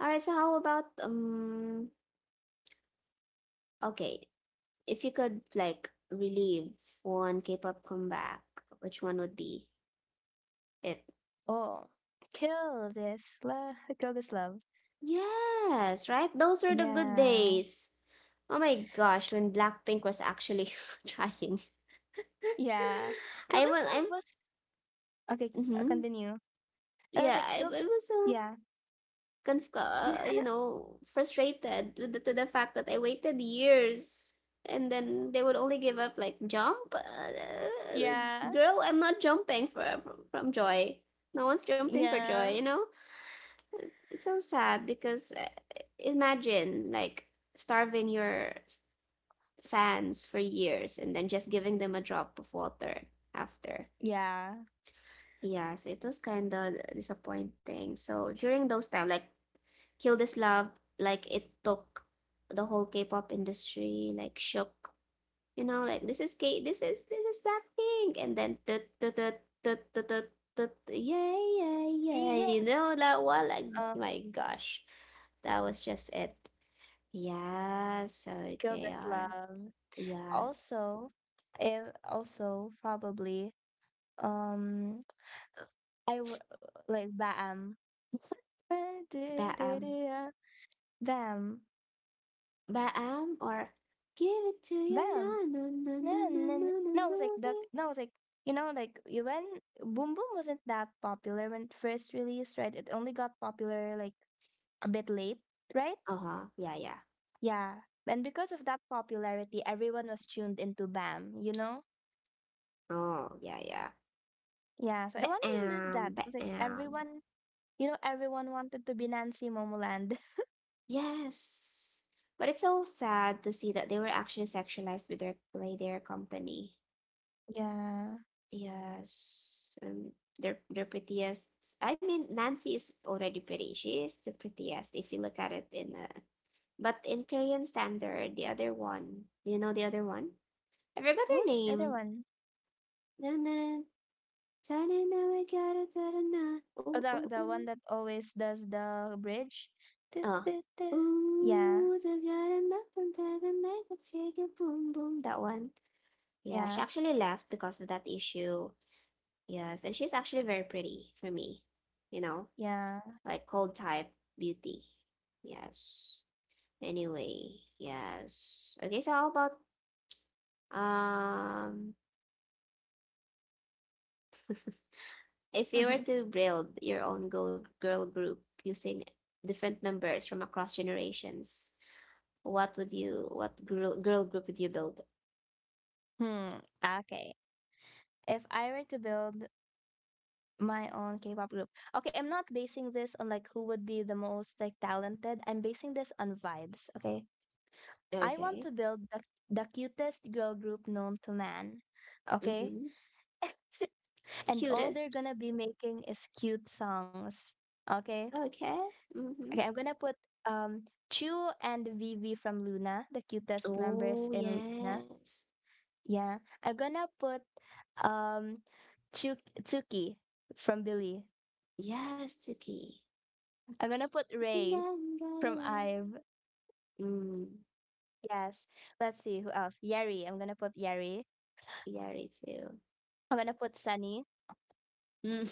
All right. So how about okay, if you could like relive one K-pop comeback, which one would be it? Oh, kill this love, kill this love. Yes, right? Those were the good Yeah, days. Oh my gosh, when Blackpink was actually trying. yeah, kill I this was, I'm, love was okay. I'll mhm. continue. And I Yeah, was like, I kill, was so, yeah, you know, frustrated with the, to the fact that I waited years and then they would only give up like jump. Yeah, Girl, I'm not jumping for, from joy. No one's jumping for joy, yeah. you know? It's so sad because imagine like starving your fans for years and then just giving them a drop of water after. Yeah. Yes, it was kind of disappointing. So during those time, like Kill This Love, like it took the whole K-pop industry like shook. You know, like this is K, this is Blackpink, and then tut tut tut tut tut tut tut, yeah yeah yeah. Yeah. You know that one, like my Um, gosh, that was just it. Yes, so Kill this KR, love. yes. Also, it also probably um I w like bam. But Bam. Baam or give it to you, Bam. no no no No, no no no, no no, no no no, it's like the no. no, it's like, you know, like you when Boom Boom wasn't that popular when it first released, right? It only got popular like a bit late, right? Uh-huh. Yeah, yeah. Yeah. And because of that popularity, everyone was tuned into Bam, you know? Oh, yeah, yeah. Yeah, so I want to relive Baam, that. Like baam. everyone, everyone wanted to be Nancy Momoland. Yes. But it's so sad to see that they were actually sexualized with their by their company. Yeah. Yes. Their prettiest. I mean Nancy is already pretty. She is the prettiest if you look at it in a, but in Korean standard, the other one. Do you know the other one? I forgot her Who's the other name. one? Dana, Dana, we gotta Dana. Oh, the one that always does the bridge. Du- Oh. du- du. Yeah, The gotta from Dana. That one. Yeah, she yeah, actually left because of that issue. Yes, and she's actually very pretty for me. You know, yeah. like cold type beauty. Yes. Anyway, yes. Okay, so how about um if you were to build your own girl group using different members from across generations, what would you, what girl group would you build? Hmm. Okay. If I were to build my own K-pop group, okay, I'm not basing this on like who would be the most like talented. I'm basing this on vibes. Okay, I want Okay. to build the cutest girl group known to man. Okay. Mm-hmm. And all they're Cutest. gonna be making is cute songs. Okay? Okay. Mm-hmm. Okay, I'm gonna put um Chu and Vivi from Luna, the cutest members Oh, in Luna. yes. Yeah. I'm gonna put um Chu Tsuki from Billy. Yes, Tuki. I'm gonna put Ray Pakinggan. from Ive. Mm, Yes. Let's see who else. Yari. I'm gonna put Yari. Yari too. I'm gonna put Sunny. Mm.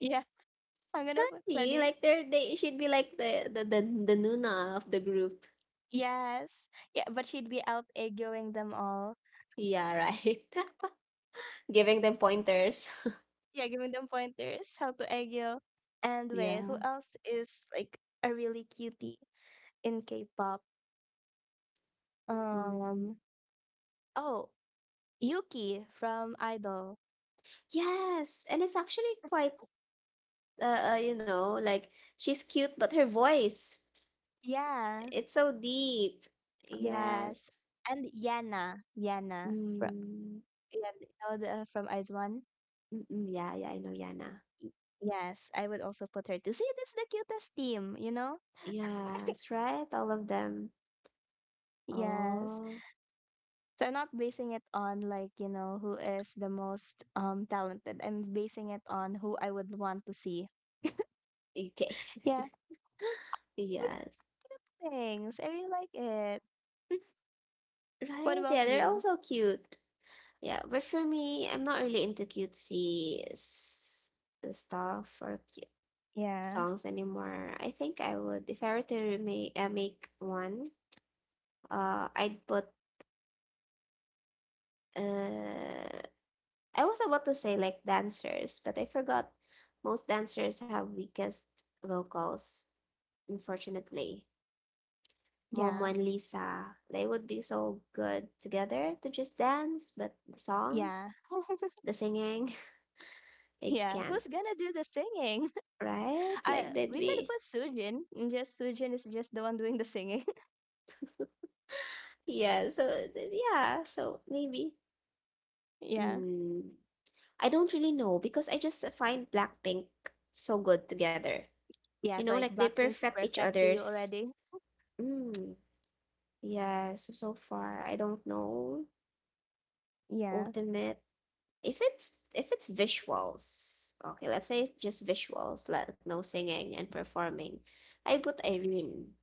Yeah, I'm gonna put Sunny, Sunny. like they're, they should be like the Nuna of the group. Yes. Yeah, but she'd be out egoing them all. Yeah, right. Giving them pointers. Yeah, giving them pointers how to egg you. And wait, Yeah. who else is like a really cutie in K-pop? Um, Mm. oh, Yuki from Idol. Yes, and it's actually quite you know, like she's cute but her voice Yeah, it's so deep. yes. Yes. And Yana from, Mm. yeah, from Eyes One. Mm-mm, yeah, yeah, I know Yana. Y- Yes, I would also put her to see this is the cutest team, you know? Yes, right? All of them. Yes. Oh, So I'm not basing it on like, you know, who is the most talented. I'm basing it on who I would want to see. okay. Yeah. We're just Yes. cute things. I really like it. What Right? about Yeah, they're you? also cute. Yeah, but for me, I'm not really into cutesy stuff or Yeah. songs anymore. I think I would, if I were to make make one, I'd put. Uh, I was about to say like dancers, but I forgot. Most dancers have weakest vocals, unfortunately. Momo Yeah. and Lisa, they would be so good together to just dance, but the song, Yeah. the singing, it Yeah. can't, Who's gonna do the singing? right? Like I they'd we could be, put Sujin. And just Sujin is just the one doing the singing. yeah. So yeah, so maybe. Yeah. Mm, I don't really know because I just find Blackpink so good together. You Yeah, know, so like like they Blackpink's perfect each perfect to you other's. already. Mm, yeah, so so far I don't know. Yeah. Ultimate. If it's visuals, okay, let's say it's just visuals, like no singing and performing. I put Irene.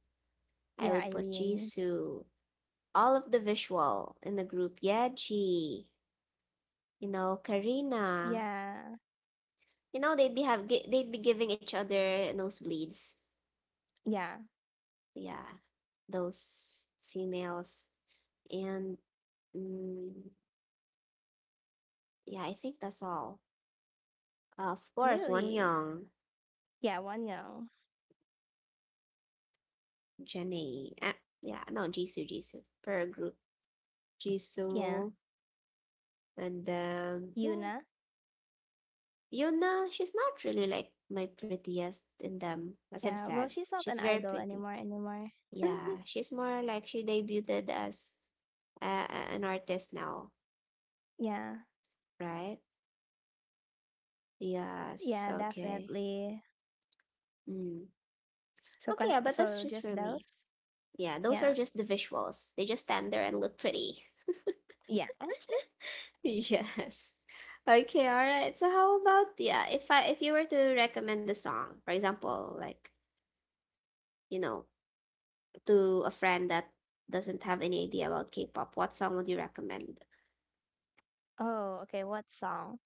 I Yeah, would put Irene. Jisoo. All of the visual in the group. Yeah, G. You know, Karina. Yeah. You know, they'd be giving each other nosebleeds, Yeah. yeah, those females. And mm, yeah, I think that's all. Of course, Really? Wonyoung, Yeah, one year. Jenny, yeah, no, Jisoo, per group, Yeah, Jisoo, and yeah, Yuna. Yuna. She's not really like my prettiest in them, as I've Yeah, said. well, she's not She's an very idol pretty. anymore. Yeah, she's more like she debuted as uh, an artist now, Yeah, right? Yes, yeah, okay. definitely. Mm. So Okay, can yeah, but that's so just just for me. those. Yeah, those are Yeah, just the visuals. They just stand there and look pretty. yeah. Yes. Okay, all right. So how about yeah, if you were to recommend a song, for example, like, you know, to a friend that doesn't have any idea about K-pop, what song would you recommend? Oh, okay. What song?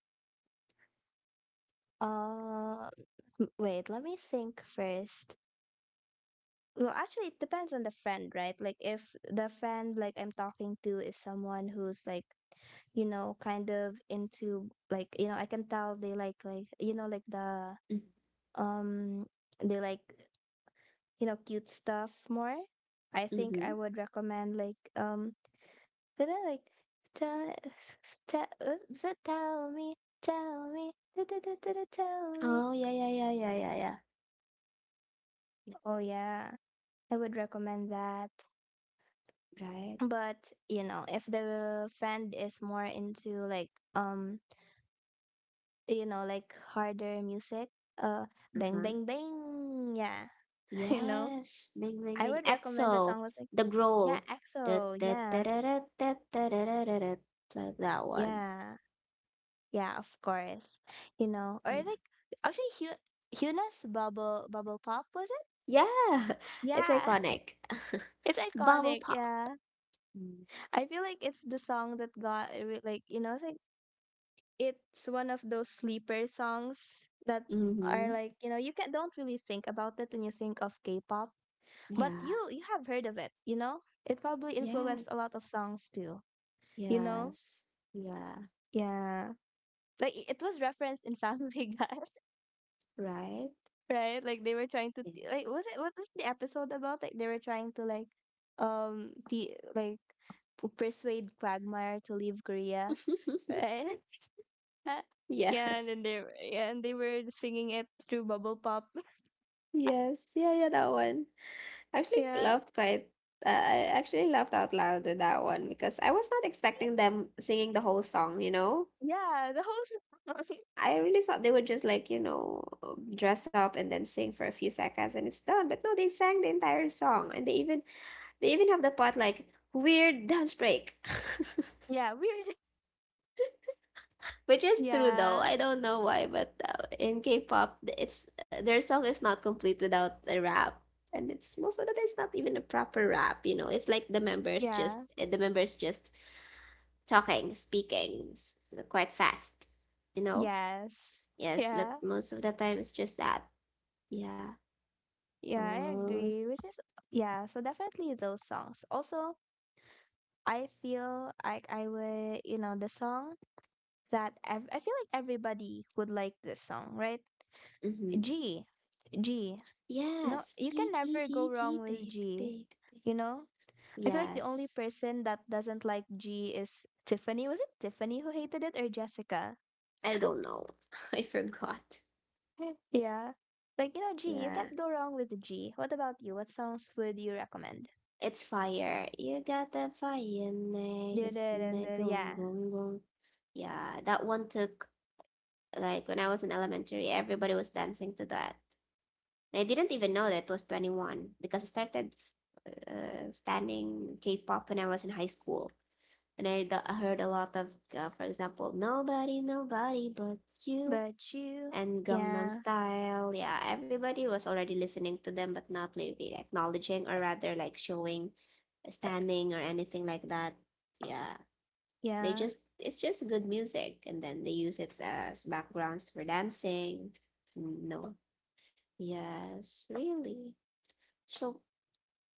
Uh, Wait. Let me think first. Well, actually, it depends on the friend, right? Like, if the friend like I'm talking to is someone who's like, kind of into, like, I can tell they like, like the Mm-hmm. um they like, cute stuff more. I think Mm-hmm. I would recommend, like, but then like tell tell tell me, tell me, da, da, da, da, da, tell me. Oh, yeah, yeah, yeah, yeah, yeah, yeah. Yeah, Oh yeah, I would recommend that. right. But if the friend is more into, like, um like harder music, uh bang Uh-huh. bang bang, yeah, you know Yes. Ming, ming, I ming. would recommend that EXO, song with like, the yeah, growl. Da, exo, da, da, yeah, da, da, da, da, da, da, da, da, like that one. yeah. Yeah, of course. You know, or Yeah. like actually Hu Huna's Bubble Bubble Pop, was it? Yeah. It's Yeah. iconic. It's Bubble iconic, pop. yeah. I feel like it's the song that got like, you know, it's like, it's one of those sleeper songs that Mm-hmm. are like, you know, you can don't really think about it when you think of K-pop, but you Yeah. you have heard of it, you know? It probably influenced a Yes. lot of songs too, you know? Yes. Yeah. Yeah. Like it was referenced in Family Guy. Right? Right? Like they were trying to like, Yes. was it what was the episode about? Like they were trying to like um the like persuade Quagmire to leave Korea, right? Yeah, and Yes. then they yeah, and they were singing it through bubble pop. Yes. Yeah, yeah, that one. I actually Yeah, laughed quite I actually laughed out loud with that one because I was not expecting them singing the whole song, you know? yeah, the whole song. I really thought they would just like, you know, dress up and then sing for a few seconds and it's done. But no, they sang the entire song and they even have the part like weird dance break, Yeah, weird. which is true though. Yeah, I don't know why, but in K-pop, it's their song is not complete without a rap, and it's most of the time it's not even a proper rap. You know, it's like yeah, the members just talking, speaking quite fast. You know, yes, yes, but yeah, most of the time it's just that. Yeah. yeah. I Oh. agree. Which is yeah. So definitely those songs. Also, I feel like I would, you know, the song that I feel like everybody would like this song, right? Mm-hmm. G, G. No, Yes, you G can G never G go wrong G with babe G. babe babe. You know, I feel like the only Yes. person that doesn't like G is Tiffany. Was it Tiffany who hated it or Jessica? I don't know. I forgot. Yeah. Like, you know, G, you Yeah. can't go wrong with the G. What about you? What songs would you recommend? It's fire. You got the fire, niggas, Da-da-da-da, nigga, yeah. gong, gong. Yeah, that one took, like, when I was in elementary, everybody was dancing to that. And I didn't even know that it was 21 because I started standing K pop when I was in high school. And I heard a lot of, for example, nobody, nobody but you, But you, and Gangnam yeah, Style. Yeah, everybody was already listening to them, but not really acknowledging or rather like showing standing or anything like that. Yeah, they yeah, just it's just good music, and then they use it as backgrounds for dancing. No, yes, really. So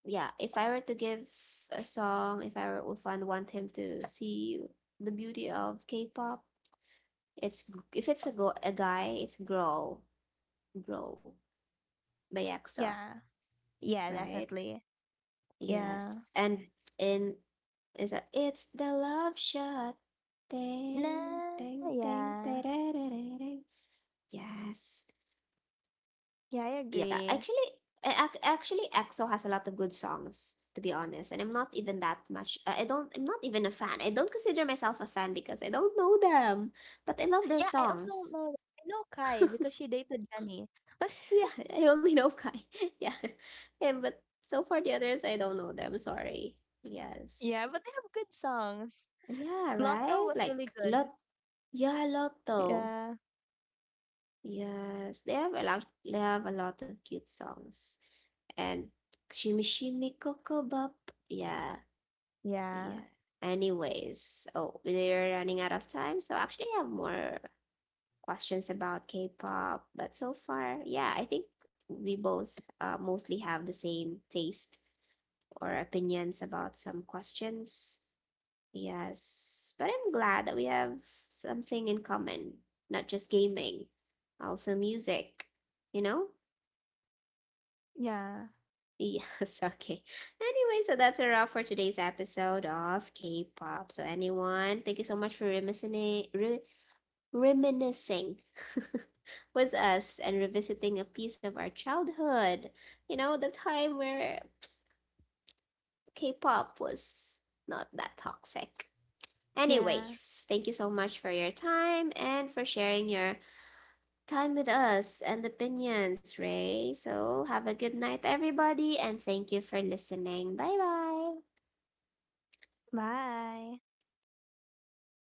yeah, if I were to give a song, if I want him to see the beauty of K-pop, it's if it's a guy, it's Grow by EXO, yeah, yeah, right? definitely. Yeah. Yes. And in is a. it's the love shot. Ding Nah, ding ding yeah. da-da-da-da-ding. Yes. Yeah, I Yeah, agree. Actually EXO has a lot of good songs to be honest, and I'm not even that much I don't I'm not even a fan. I don't consider myself a fan because I don't know them, but I love their Yeah, songs. I know Kai because she dated Jenny. But Yeah, I only know Kai. Yeah. Yeah. But so for the others, I don't know them, sorry. yeah, Yes. but they have good songs. Yeah, Lotto right? was really good. Lot though. Yeah. Yes, they have a lot they have a lot of cute songs. And Shimmy Shimmy Coco Bop. Yeah, Yeah. yeah. Anyways, oh we're running out of time, so actually I have more questions about K pop, but so far, yeah, I think we both mostly have the same taste or opinions about some questions. Yes, but I'm glad that we have something in common, not just gaming, also music, you know? Yeah. Yes, okay. Anyway, so that's a wrap for today's episode of K-pop. So anyone, thank you so much for reminiscing, re reminiscing with us and revisiting a piece of our childhood. You know, the time where K-pop was not that toxic. Yeah. Anyways, thank you so much for your time and for sharing your time with us and opinions, Ray. So, have a good night, everybody, and thank you for listening. Bye bye. Bye.